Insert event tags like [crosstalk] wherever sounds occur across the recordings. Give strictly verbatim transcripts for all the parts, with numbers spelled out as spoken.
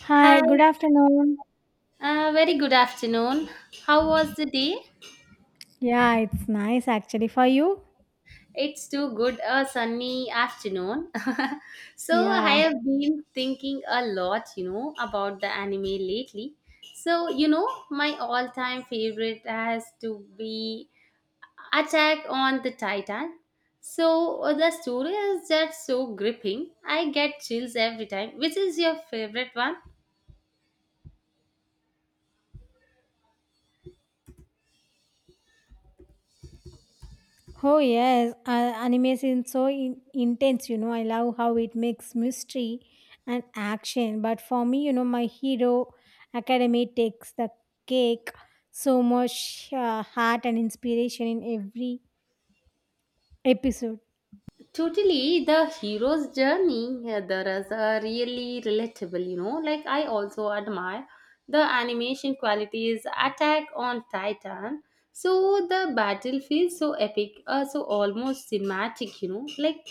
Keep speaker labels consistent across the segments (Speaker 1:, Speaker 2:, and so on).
Speaker 1: Hi,
Speaker 2: Hi,
Speaker 1: good afternoon.
Speaker 2: uh, very good afternoon. How was the day?
Speaker 1: Yeah, it's nice actually for you.
Speaker 2: It's too good a sunny afternoon. [laughs] so I
Speaker 1: Yeah.
Speaker 2: have been thinking a lot, you know, about the anime lately. So, you know, my all-time favorite has to be Attack on the Titan. So uh, the story is just so gripping. I get chills every time. Which is your favorite one?
Speaker 1: Oh yes, uh, anime is so in- intense. You know, I love how it makes mystery and action. But for me, you know, my hero academy takes the cake. So much uh, heart and inspiration in every episode.
Speaker 2: Totally, the hero's journey uh, there is a really relatable, you know. Like, I also admire the animation qualities, Attack on Titan. So, the battle feels so epic, uh, so almost cinematic, you know. Like,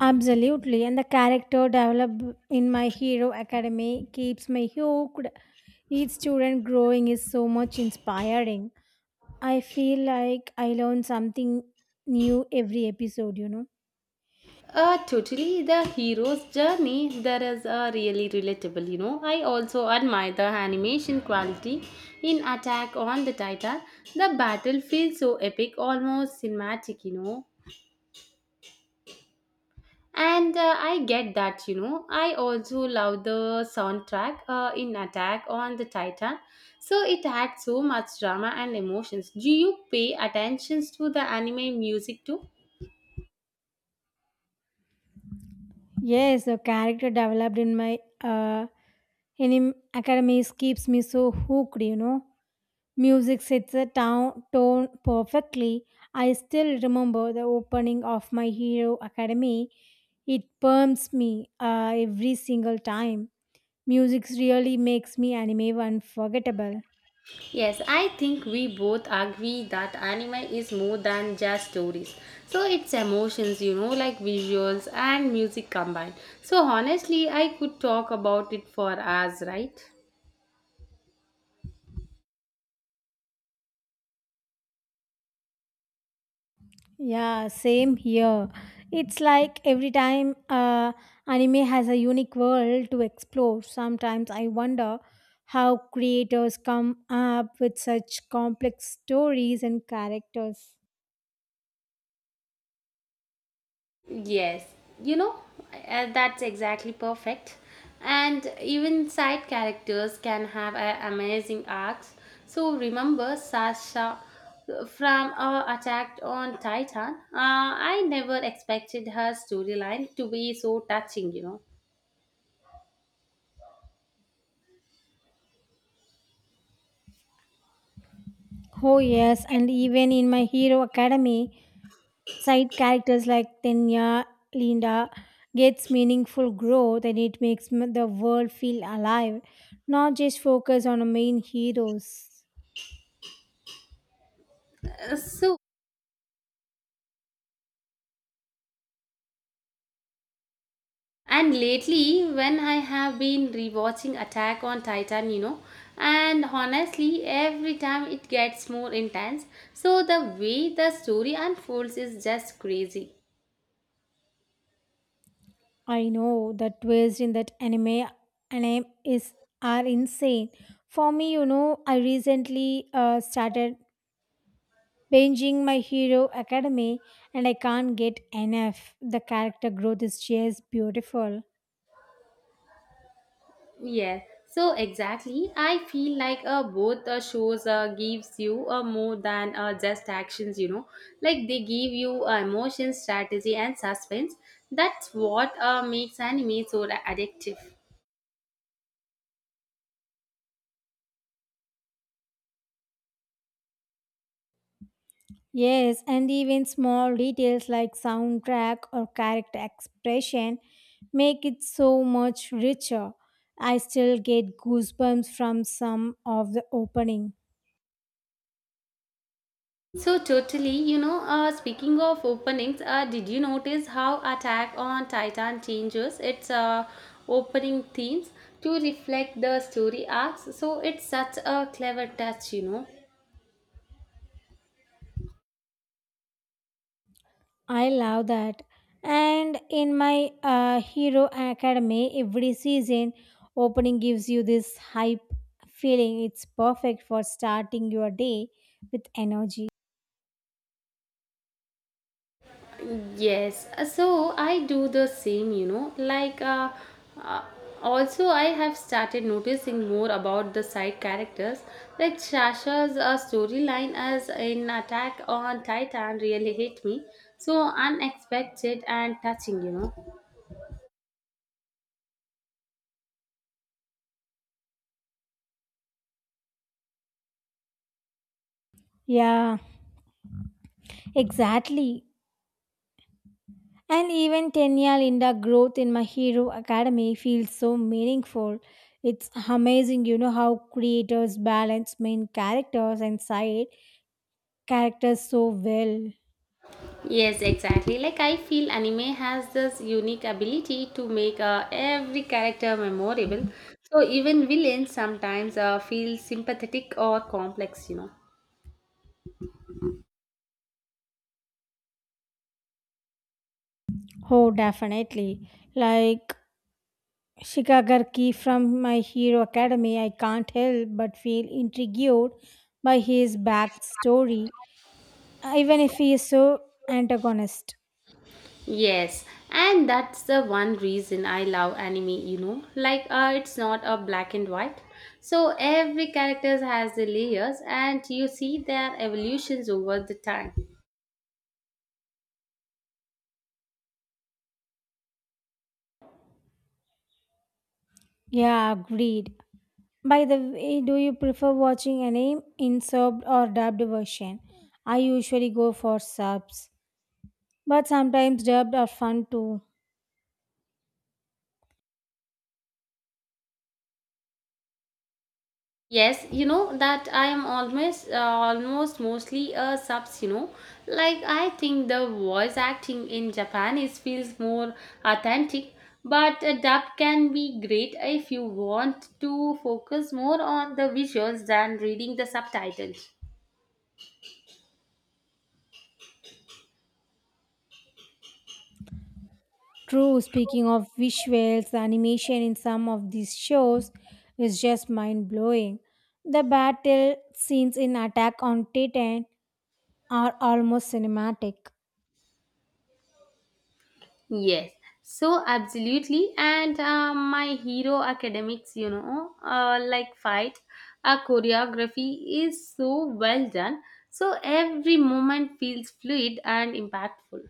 Speaker 1: Absolutely, and the character developed in my hero academy keeps me hooked. Each student growing is so much inspiring. I feel like I learn something new every episode, you know.
Speaker 2: uh, totally, the hero's journey there is a really relatable, you know. I also admire the animation quality in Attack on the Titan. The battle feels so epic, almost cinematic, you know. And uh, I get that, you know. I also love the soundtrack uh, in Attack on the Titan. So it had so much drama and emotions. Do you pay attention to the anime music too?
Speaker 1: Yes, the character developed in my uh, in academies keeps me so hooked, you know. Music sets the town tone perfectly. I still remember the opening of my Hero Academy. It perms me uh, every single time. Music really makes me anime unforgettable.
Speaker 2: Yes, I think we both agree that anime is more than just stories. So it's emotions, you know, like visuals and music combined. So honestly, I could talk about it for hours, right?
Speaker 1: Yeah, same here. It's like every time uh, anime has a unique world to explore. Sometimes I wonder how creators come up with such complex stories and characters.
Speaker 2: Yes, you know, uh, that's exactly perfect. And even side characters can have uh, amazing arcs. So remember Sasha uh, from uh, Attack on Titan? Uh, I never expected her storyline to be so touching, you know.
Speaker 1: Oh, yes, and even in My Hero Academy, side characters like Tenya, Linda gets meaningful growth and it makes m- the world feel alive, not just focus on the main heroes.
Speaker 2: Uh, So And lately, when I have been rewatching Attack on Titan, you know, and honestly, every time it gets more intense. So the way the story unfolds is just crazy.
Speaker 1: I know the twists in that anime anime is are insane. For me, you know, I recently uh, started binging My Hero Academy, and I can't get enough. The character growth is just beautiful.
Speaker 2: Yeah, so exactly. I feel like uh, both uh, shows uh, gives you uh, more than uh, just actions, you know. Like they give you uh, emotion, strategy and suspense. That's what uh, makes anime so addictive.
Speaker 1: Yes, and even small details like soundtrack or character expression make it so much richer. I still get goosebumps from some of the opening.
Speaker 2: So totally, you know, uh, speaking of openings, uh, did you notice how Attack on Titan changes its uh, opening themes to reflect the story arcs? So it's such a clever touch, you know.
Speaker 1: I love that. And in my uh, Hero Academy, every season opening gives you this hype feeling. It's perfect for starting your day with energy.
Speaker 2: Yes, uh, so I do the same, you know. Like, uh, uh, also, I have started noticing more about the side characters. Like, Sasha's uh, storyline as in Attack on Titan really hit me. So unexpected and touching, you know.
Speaker 1: Yeah, exactly. And even Tenya Linda growth in My Hero Academy feels so meaningful. It's amazing, you know, how creators balance main characters and side characters so well.
Speaker 2: Yes, exactly. Like, I feel anime has this unique ability to make uh, every character memorable. So, even villains sometimes uh, feel sympathetic or complex, you know.
Speaker 1: Oh, definitely. Like, Shigagarki from My Hero Academy, I can't help but feel intrigued by his backstory, even if he is so antagonist.
Speaker 2: Yes, and that's the one reason I love anime, you know. Like uh, it's not a black and white. So every character has the layers and you see their evolutions over the time.
Speaker 1: Yeah, agreed. By the way, do you prefer watching anime in subbed or dubbed version? I usually go for subs, but sometimes dubbed are fun too.
Speaker 2: Yes, you know that I am almost uh, almost mostly a subs, you know. Like I think the voice acting in Japan is feels more authentic, but a dub can be great if you want to focus more on the visuals than reading the subtitles.
Speaker 1: True, speaking of visuals, the animation in some of these shows is just mind blowing. The battle scenes in Attack on Titan are almost cinematic.
Speaker 2: Yes, so absolutely. And uh, my hero academics, you know, uh, like fight, our choreography is so well done. So every moment feels fluid and impactful.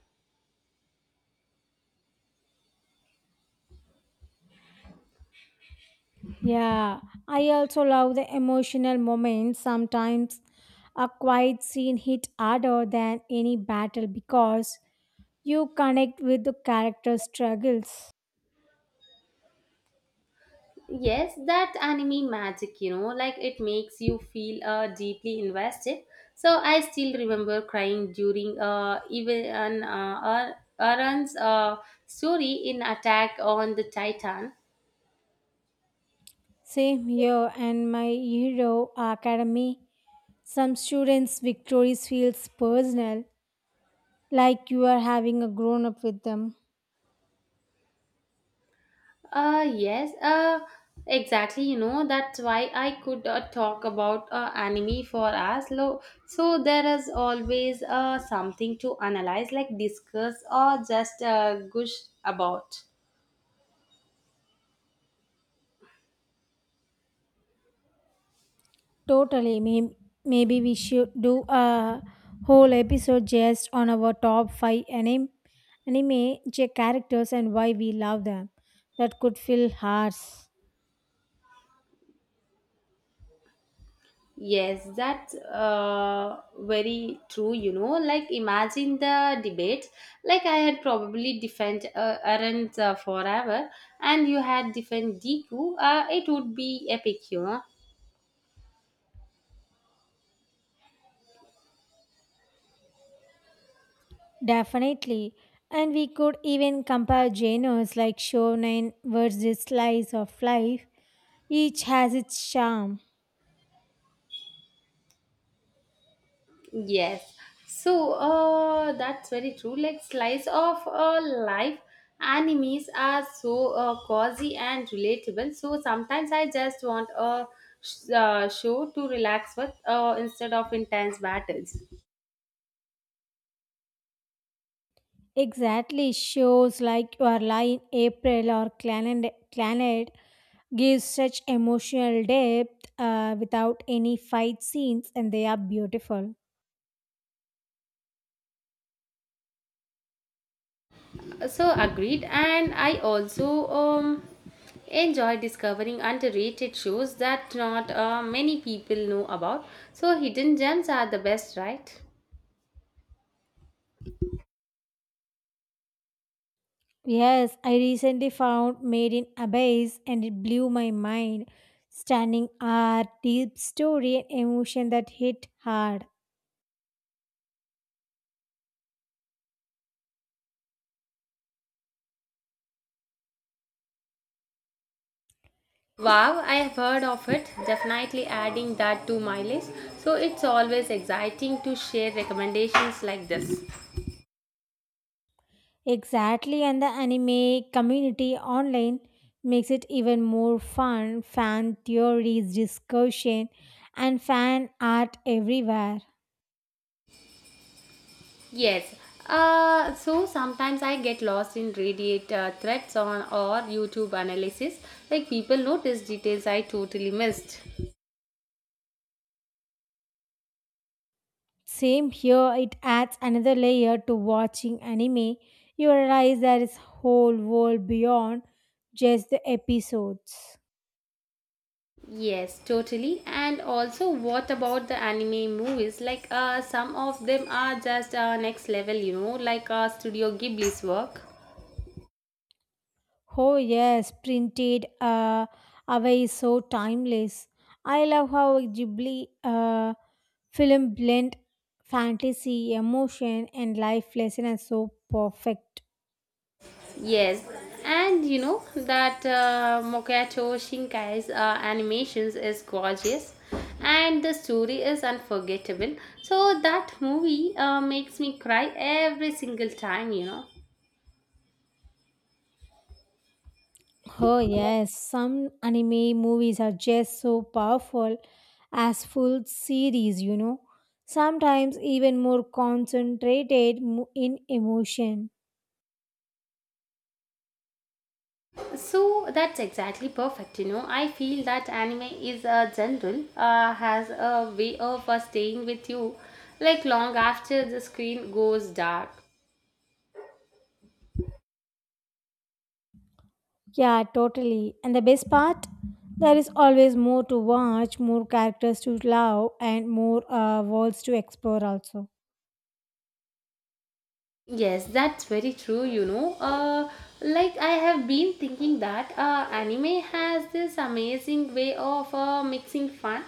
Speaker 1: Yeah, I also love the emotional moments. Sometimes a quiet scene hit harder than any battle because you connect with the character's struggles.
Speaker 2: Yes, that anime magic, you know, like it makes you feel uh, deeply invested. So I still remember crying during uh, even an uh, Aaron's uh, story in Attack on the Titan.
Speaker 1: Same here, and my hero academy. Some students' victories feels personal, like you are having a grown up with them.
Speaker 2: Uh, yes, uh, exactly. You know, that's why I could uh, talk about uh, anime for us. Lo- so there is always uh, something to analyze, like discuss or just uh, gush about.
Speaker 1: Totally. May- Maybe we should do a whole episode just on our top five anime, anime j- characters and why we love them. That could fill hearts.
Speaker 2: Yes, that's uh, very true. You know, like imagine the debate. Like I had probably defend uh, Aaron uh, forever, and you had defend Deku. Uh, it would be epic, you know.
Speaker 1: Definitely. And we could even compare genres like shonen versus slice of life. Each has its charm.
Speaker 2: Yes. So uh, that's very true. Like slice of uh, life animes are so uh, cozy and relatable. So sometimes I just want a sh- uh, show to relax with uh, instead of intense battles.
Speaker 1: Exactly. Shows like Your Lie in April or Planet Planet gives such emotional depth uh, without any fight scenes and they are beautiful.
Speaker 2: So agreed. And I also um, enjoy discovering underrated shows that not uh, many people know about. So hidden gems are the best, right?
Speaker 1: Yes, I recently found Made in Abyss and it blew my mind. Stunning art, deep story, and emotion that hit hard.
Speaker 2: Wow, I have heard of it. Definitely adding that to my list. So it's always exciting to share recommendations like this.
Speaker 1: Exactly, and the anime community online makes it even more fun. Fan theories, discussion, and fan art everywhere.
Speaker 2: Yes. Uh, so sometimes I get lost in Reddit uh, threads on or YouTube analysis. Like people notice details I totally missed.
Speaker 1: Same here, it adds another layer to watching anime. You realize there is whole world beyond just the episodes.
Speaker 2: Yes, totally. And also, what about the anime movies? Like, uh, some of them are just uh, next level, you know, like uh, Studio Ghibli's work.
Speaker 1: Oh yes, printed uh, away is so timeless. I love how Ghibli uh, film blend fantasy, emotion, and life lesson are so perfect.
Speaker 2: Yes, and you know that uh, Mokato Shinkai's uh, animations is gorgeous and the story is unforgettable. So that movie uh, makes me cry every single time, you know.
Speaker 1: Oh, yes, some anime movies are just so powerful as full series, you know, sometimes even more concentrated mo- in emotion.
Speaker 2: So that's exactly perfect, you know. I feel that anime is a general uh, has a way of uh, staying with you like long after the screen goes dark.
Speaker 1: Yeah, totally. And the best part, there is always more to watch, more characters to love, and more uh, worlds to explore, also.
Speaker 2: Yes, that's very true, you know. Uh, like I have been thinking that uh, anime has this amazing way of uh, mixing fun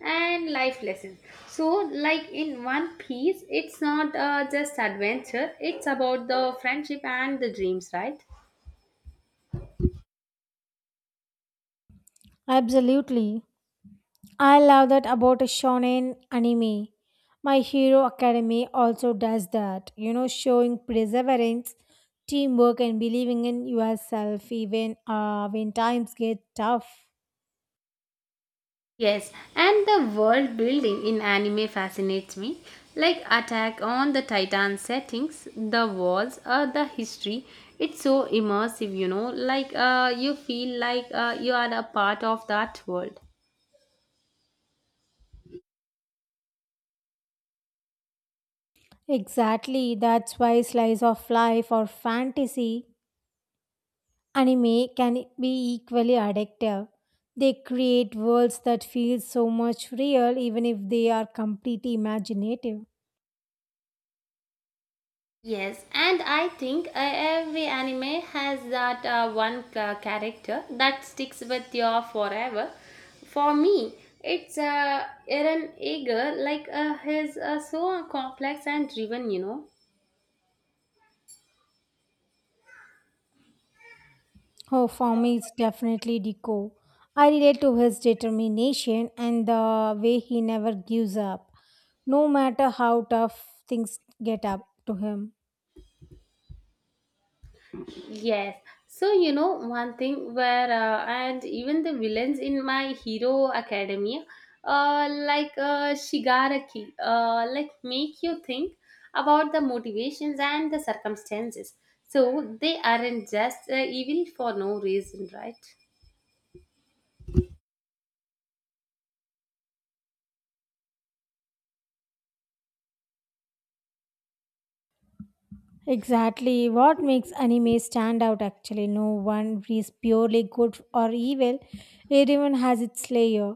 Speaker 2: and life lessons. So, like in One Piece, it's not uh, just adventure, it's about the friendship and the dreams, right?
Speaker 1: Absolutely. I love that about a shonen anime. My Hero Academy also does that, you know, showing perseverance, teamwork, and believing in yourself even uh, when times get tough.
Speaker 2: Yes, and the world building in anime fascinates me. Like Attack on the Titan settings, the walls, uh, the history. It's so immersive, you know, like uh, you feel like uh, you are a part of that world.
Speaker 1: Exactly, that's why slice of life or fantasy anime can be equally addictive. They create worlds that feel so much real even if they are completely imaginative.
Speaker 2: Yes, and I think uh, every anime has that uh, one ca- character that sticks with you forever. For me, it's uh, Eren Eager, like uh, he's uh, so complex and driven, you know.
Speaker 1: Oh, for me, it's definitely Deco. I relate to his determination and the way he never gives up, no matter how tough things get up to him.
Speaker 2: Yes. So, you know, one thing where, uh, and even the villains in My Hero Academia, uh, like uh, Shigaraki, uh, like make you think about the motivations and the circumstances. So, they aren't just uh, evil for no reason, right?
Speaker 1: Exactly what makes anime stand out actually. No one is purely good or evil, everyone has its layer.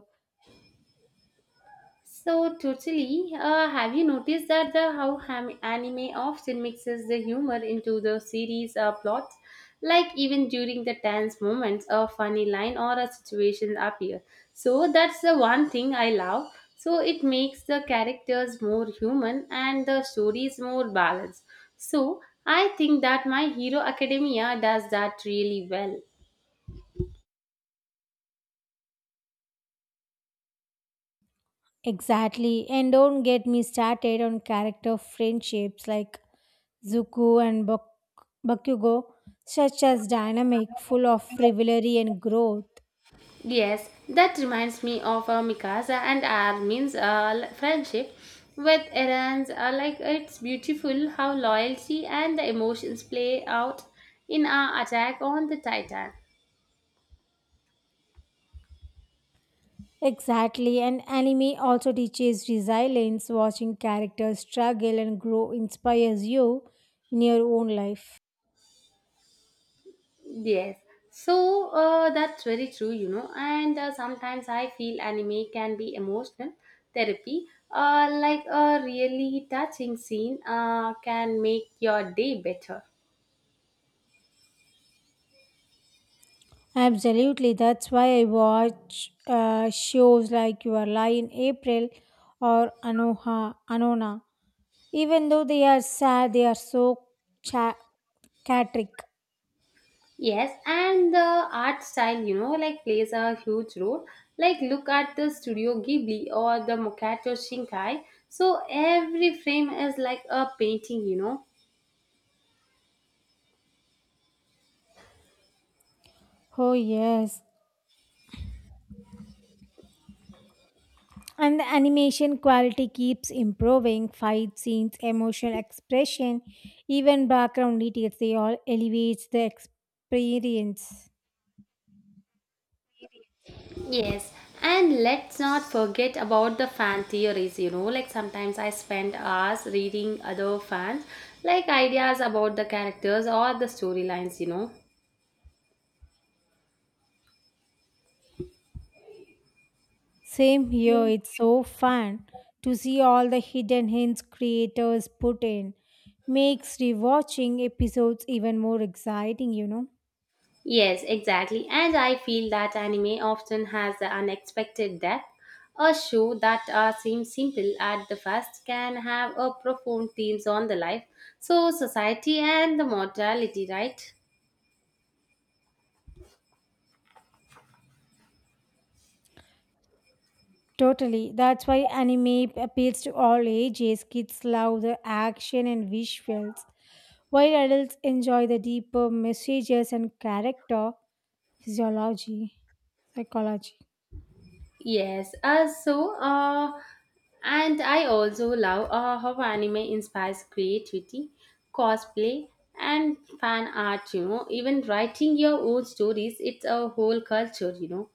Speaker 2: So totally. Uh, have you noticed that the how ham- anime often mixes the humor into the series uh, plots? Like even during the tense moments, a funny line or a situation appear. So that's the one thing I love. So it makes the characters more human and the stories more balanced. So I think that My Hero Academia does that really well.
Speaker 1: Exactly, and don't get me started on character friendships like Zuko and Bak- Bakugo, such as dynamic, full of rivalry and growth.
Speaker 2: Yes, that reminds me of uh, Mikasa and Armin's uh, l- friendship with Eran's. Uh, like it's beautiful how loyalty and the emotions play out in our Attack on the Titan.
Speaker 1: Exactly, and anime also teaches resilience. Watching characters struggle and grow inspires you in your own life.
Speaker 2: Yes, so uh, that's very true, you know. And uh, sometimes I feel anime can be emotional therapy. Uh, like a really touching scene uh, can make your day better.
Speaker 1: Absolutely, that's why I watch uh, shows like Your Lie in April or Anoha Anona. Even though they are sad, they are so cha- cathartic.
Speaker 2: Yes, and the art style, you know, like plays a huge role. Like look at the Studio Ghibli or the Mokato Shinkai. So every frame is like a painting, you know.
Speaker 1: Oh yes, and the animation quality keeps improving. Fight scenes, emotional expression, even background details, they all elevates the experience.
Speaker 2: Yes, and let's not forget about the fan theories, you know. Like sometimes I spend hours reading other fans, like ideas about the characters or the storylines, you know.
Speaker 1: Same here, it's so fun to see all the hidden hints creators put in. Makes rewatching episodes even more exciting, you know.
Speaker 2: Yes, exactly. And I feel that anime often has the unexpected depth. A show that uh, seems simple at the first can have a profound themes on the life, so society and the mortality, right?
Speaker 1: Totally. That's why anime appeals to all ages. Kids love the action and visuals, while adults enjoy the deeper messages and character physiology, psychology.
Speaker 2: Yes, uh, so uh, and I also love uh, how anime inspires creativity, cosplay, and fan art. You know, even writing your own stories, it's a whole culture. You know.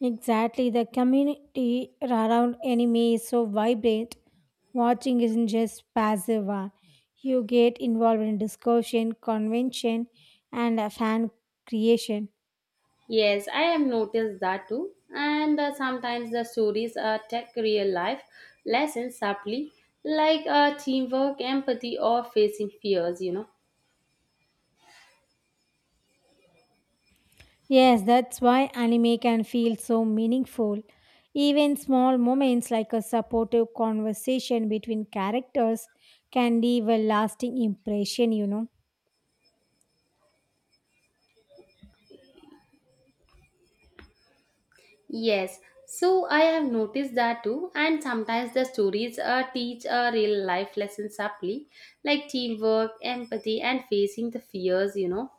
Speaker 1: Exactly. The community around anime is so vibrant. Watching isn't just passive one. You get involved in discussion, convention, and uh, fan creation.
Speaker 2: Yes, I have noticed that too. And uh, sometimes the stories uh, take real life lessons subtly, like uh, teamwork, empathy, or facing fears, you know.
Speaker 1: Yes, that's why anime can feel so meaningful. Even small moments like a supportive conversation between characters can leave a lasting impression, you know.
Speaker 2: Yes, so I have noticed that too. And sometimes the stories uh, teach a real life lesson subtly, like teamwork, empathy, and facing the fears, you know.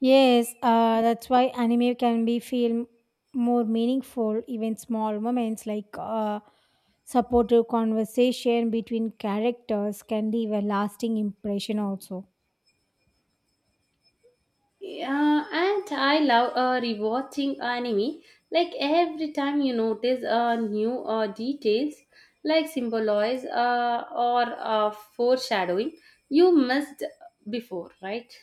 Speaker 1: Yes, uh, that's why anime can be feel more meaningful. Even small moments like uh, supportive conversation between characters can leave a lasting impression also.
Speaker 2: Yeah, and I love uh, rewatching anime. Like every time you notice uh, new uh, details, like symbolize uh, or uh, foreshadowing, you missed before, right?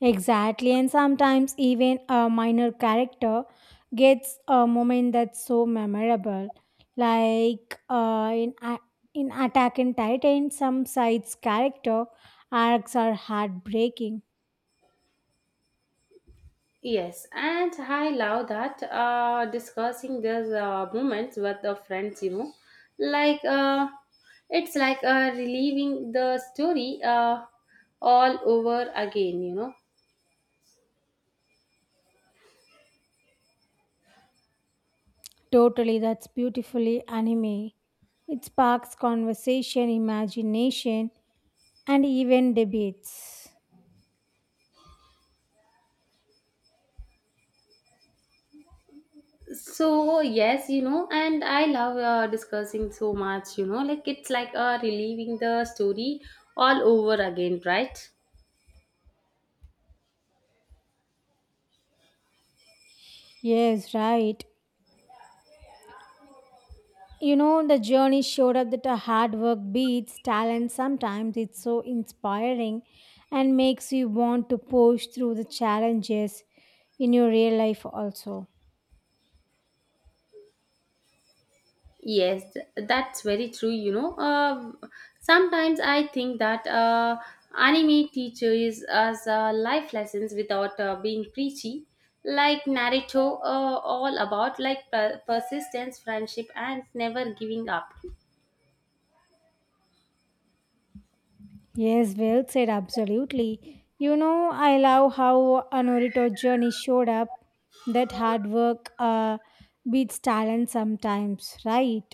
Speaker 1: Exactly, and sometimes even a minor character gets a moment that's so memorable. Like uh, in A- in Attack on Titan, some sides character arcs are heartbreaking.
Speaker 2: Yes, and I love that uh, discussing these uh, moments with the friends. You know, like uh, it's like uh, reliving the story uh, all over again. You know.
Speaker 1: Totally, that's beautifully anime. It sparks conversation, imagination, and even debates.
Speaker 2: So yes, you know, and I love uh, discussing so much. You know, like it's like uh, reliving the story all over again, right?
Speaker 1: Yes, right. You know, the journey showed up that a hard work beats talent sometimes. It's so inspiring and makes you want to push through the challenges in your real life also.
Speaker 2: Yes, th- that's very true. You know, uh, sometimes I think that uh, anime teaches us uh, life lessons without uh, being preachy, like Naruto, uh, all about like per- persistence, friendship, and never giving up.
Speaker 1: Yes, well said, absolutely. You know, I love how Anorito journey showed up that hard work uh, beats talent sometimes, right?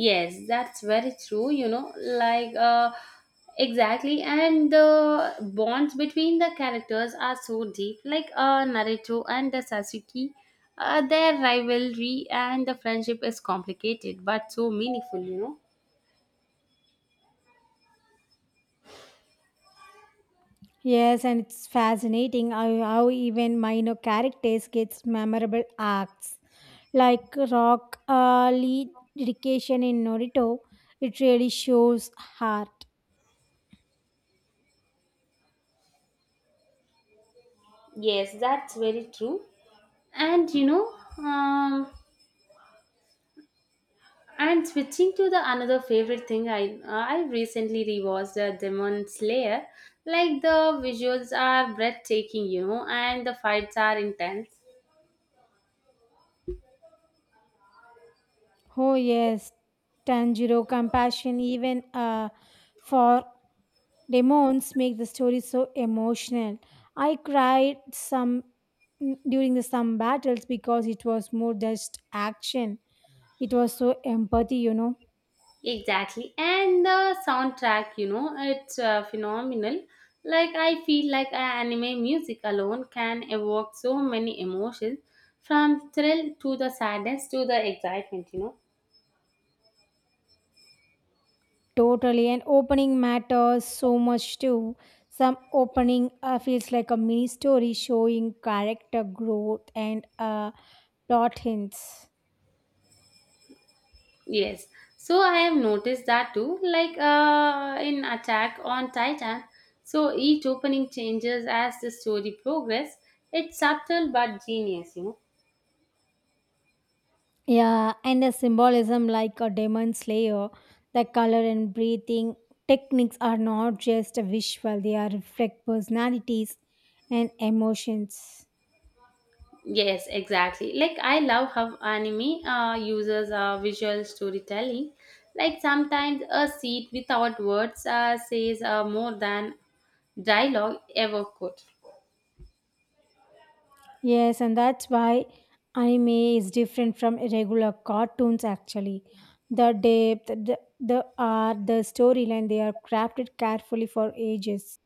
Speaker 2: Yes, that's very true, you know, like uh exactly, and the bonds between the characters are so deep, like uh Naruto and the Sasuke. Uh, their rivalry and the friendship is complicated but so meaningful, you know.
Speaker 1: Yes, and it's fascinating how, how even minor characters gets memorable arcs. Like Rock uh, lead dedication in Naruto, it really shows heart.
Speaker 2: Yes, that's very true. And you know, um And switching to the another favorite thing, I uh, I recently rewatched the Demon Slayer. Like the visuals are breathtaking, you know, and the fights are intense.
Speaker 1: Oh yes, Tanjiro compassion even uh, for demons make the story so emotional. I cried some during the some battles because it was more just action. It was so empathy, you know.
Speaker 2: Exactly, and the soundtrack, you know, it's uh, phenomenal. Like I feel like uh, anime music alone can evoke so many emotions, from thrill to the sadness to the excitement, you know.
Speaker 1: Totally. And opening matters so much too. Some opening uh, feels like a mini story showing character growth and uh, plot hints.
Speaker 2: Yes. So I have noticed that too, like uh, in Attack on Titan. So each opening changes as the story progresses. It's subtle but genius, you know.
Speaker 1: Yeah, and the symbolism like a demon slayer, the color and breathing techniques are not just visual, they are reflect personalities and emotions.
Speaker 2: Yes, exactly. Like I love how anime uh, uses uh, visual storytelling. Like sometimes a seat without words uh, says uh, more than dialogue ever could.
Speaker 1: Yes, and that's why anime is different from regular cartoons actually. The depth, the, the art, the storyline, they are crafted carefully for ages.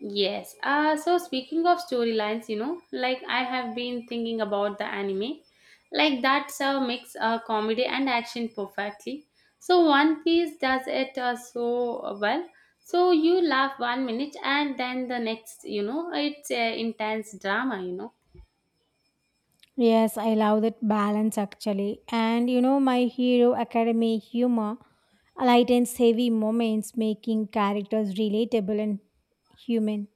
Speaker 2: Yes. Uh, so speaking of storylines, you know, like I have been thinking about the anime, like that's a mix uh, comedy and action perfectly. So One Piece does it uh, so well. So you laugh one minute and then the next, you know, it's uh, intense drama, you know.
Speaker 1: Yes, I love that balance actually. And you know, My Hero Academy humor lightens heavy moments, making characters relatable and human.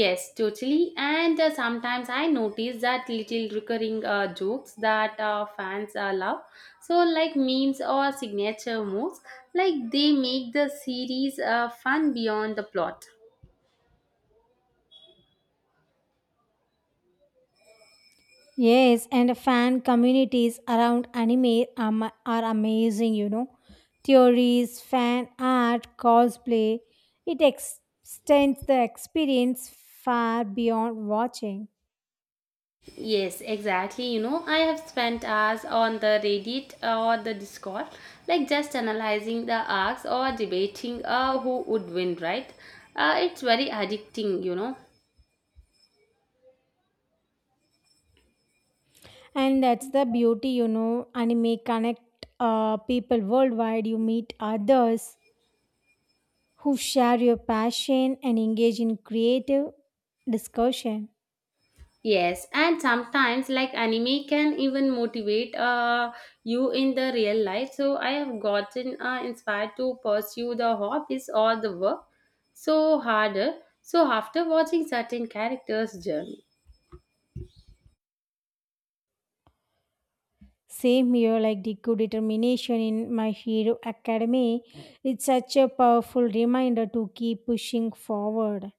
Speaker 2: Yes, totally. And uh, sometimes I notice that little recurring uh, jokes that uh, fans uh, love. So, like memes or signature moves, like they make the series uh, fun beyond the plot.
Speaker 1: Yes, and fan communities around anime are, ma- are amazing, you know. Theories, fan art, cosplay, it ex- extends the experience far beyond watching.
Speaker 2: Yes, exactly. You know, I have spent hours on the Reddit or the Discord, like just analyzing the arcs or debating uh, who would win, right? Uh, it's very addicting, you know.
Speaker 1: And that's the beauty, you know. Anime connect uh, people worldwide. You meet others who share your passion and engage in creative discussion.
Speaker 2: Yes, and sometimes like anime can even motivate uh, you in the real life. So I have gotten uh, inspired to pursue the hobbies or the work so harder. So after watching certain characters' journey.
Speaker 1: Same here, like Deco determination in My Hero Academy. It's such a powerful reminder to keep pushing forward.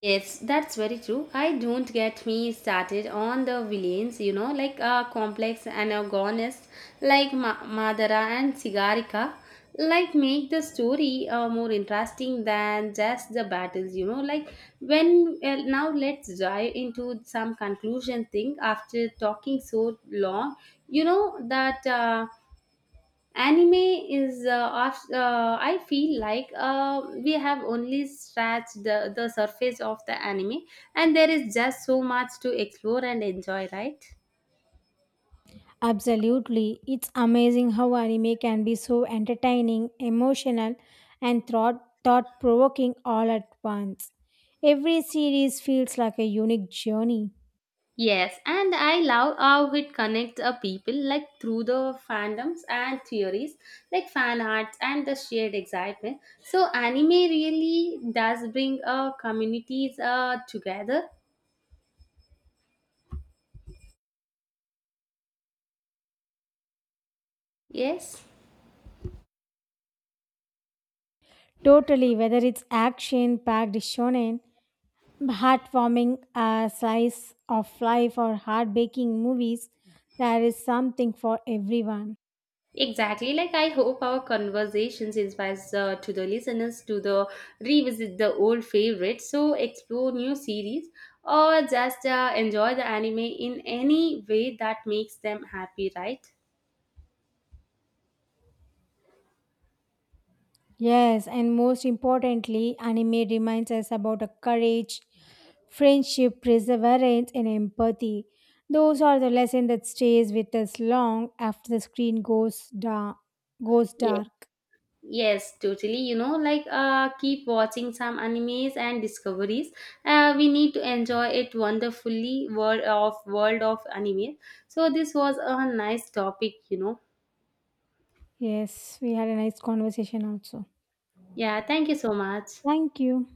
Speaker 2: Yes, that's very true. I don't get me started on the villains, you know, like uh, complex and antagonists like Ma- Madara and Sigarika, like make the story uh, more interesting than just the battles, you know. Like when uh, Now let's dive into some conclusion thing after talking so long, you know that. Uh, anime is uh, off, uh, I feel like uh, we have only scratched the, the surface of the anime, and there is just so much to explore and enjoy, right?
Speaker 1: Absolutely. It's amazing how anime can be so entertaining, emotional, and thought provoking all at once. Every series feels like a unique journey.
Speaker 2: Yes, and I love how it connects uh, people, like through the fandoms and theories, like fan arts and the shared excitement. So anime really does bring uh, communities uh, together. Yes.
Speaker 1: Totally, whether it's action packed shonen heartwarming uh, slice of life or heart-breaking movies, there is something for everyone.
Speaker 2: Exactly. Like I hope our conversations inspires uh, to the listeners to the revisit the old favorites, so explore new series, or just uh, enjoy the anime in any way that makes them happy. Right?
Speaker 1: Yes, and most importantly, anime reminds us about a courage, friendship, perseverance, and empathy. Those are the lessons that stays with us long after the screen goes dark. Goes
Speaker 2: Yeah.
Speaker 1: dark.
Speaker 2: Yes, totally. You know, like uh, keep watching some animes and discoveries. Uh, we need to enjoy it wonderfully. World of world of anime. So this was a nice topic. You know.
Speaker 1: Yes, we had a nice conversation also.
Speaker 2: Yeah. Thank you so much.
Speaker 1: Thank you.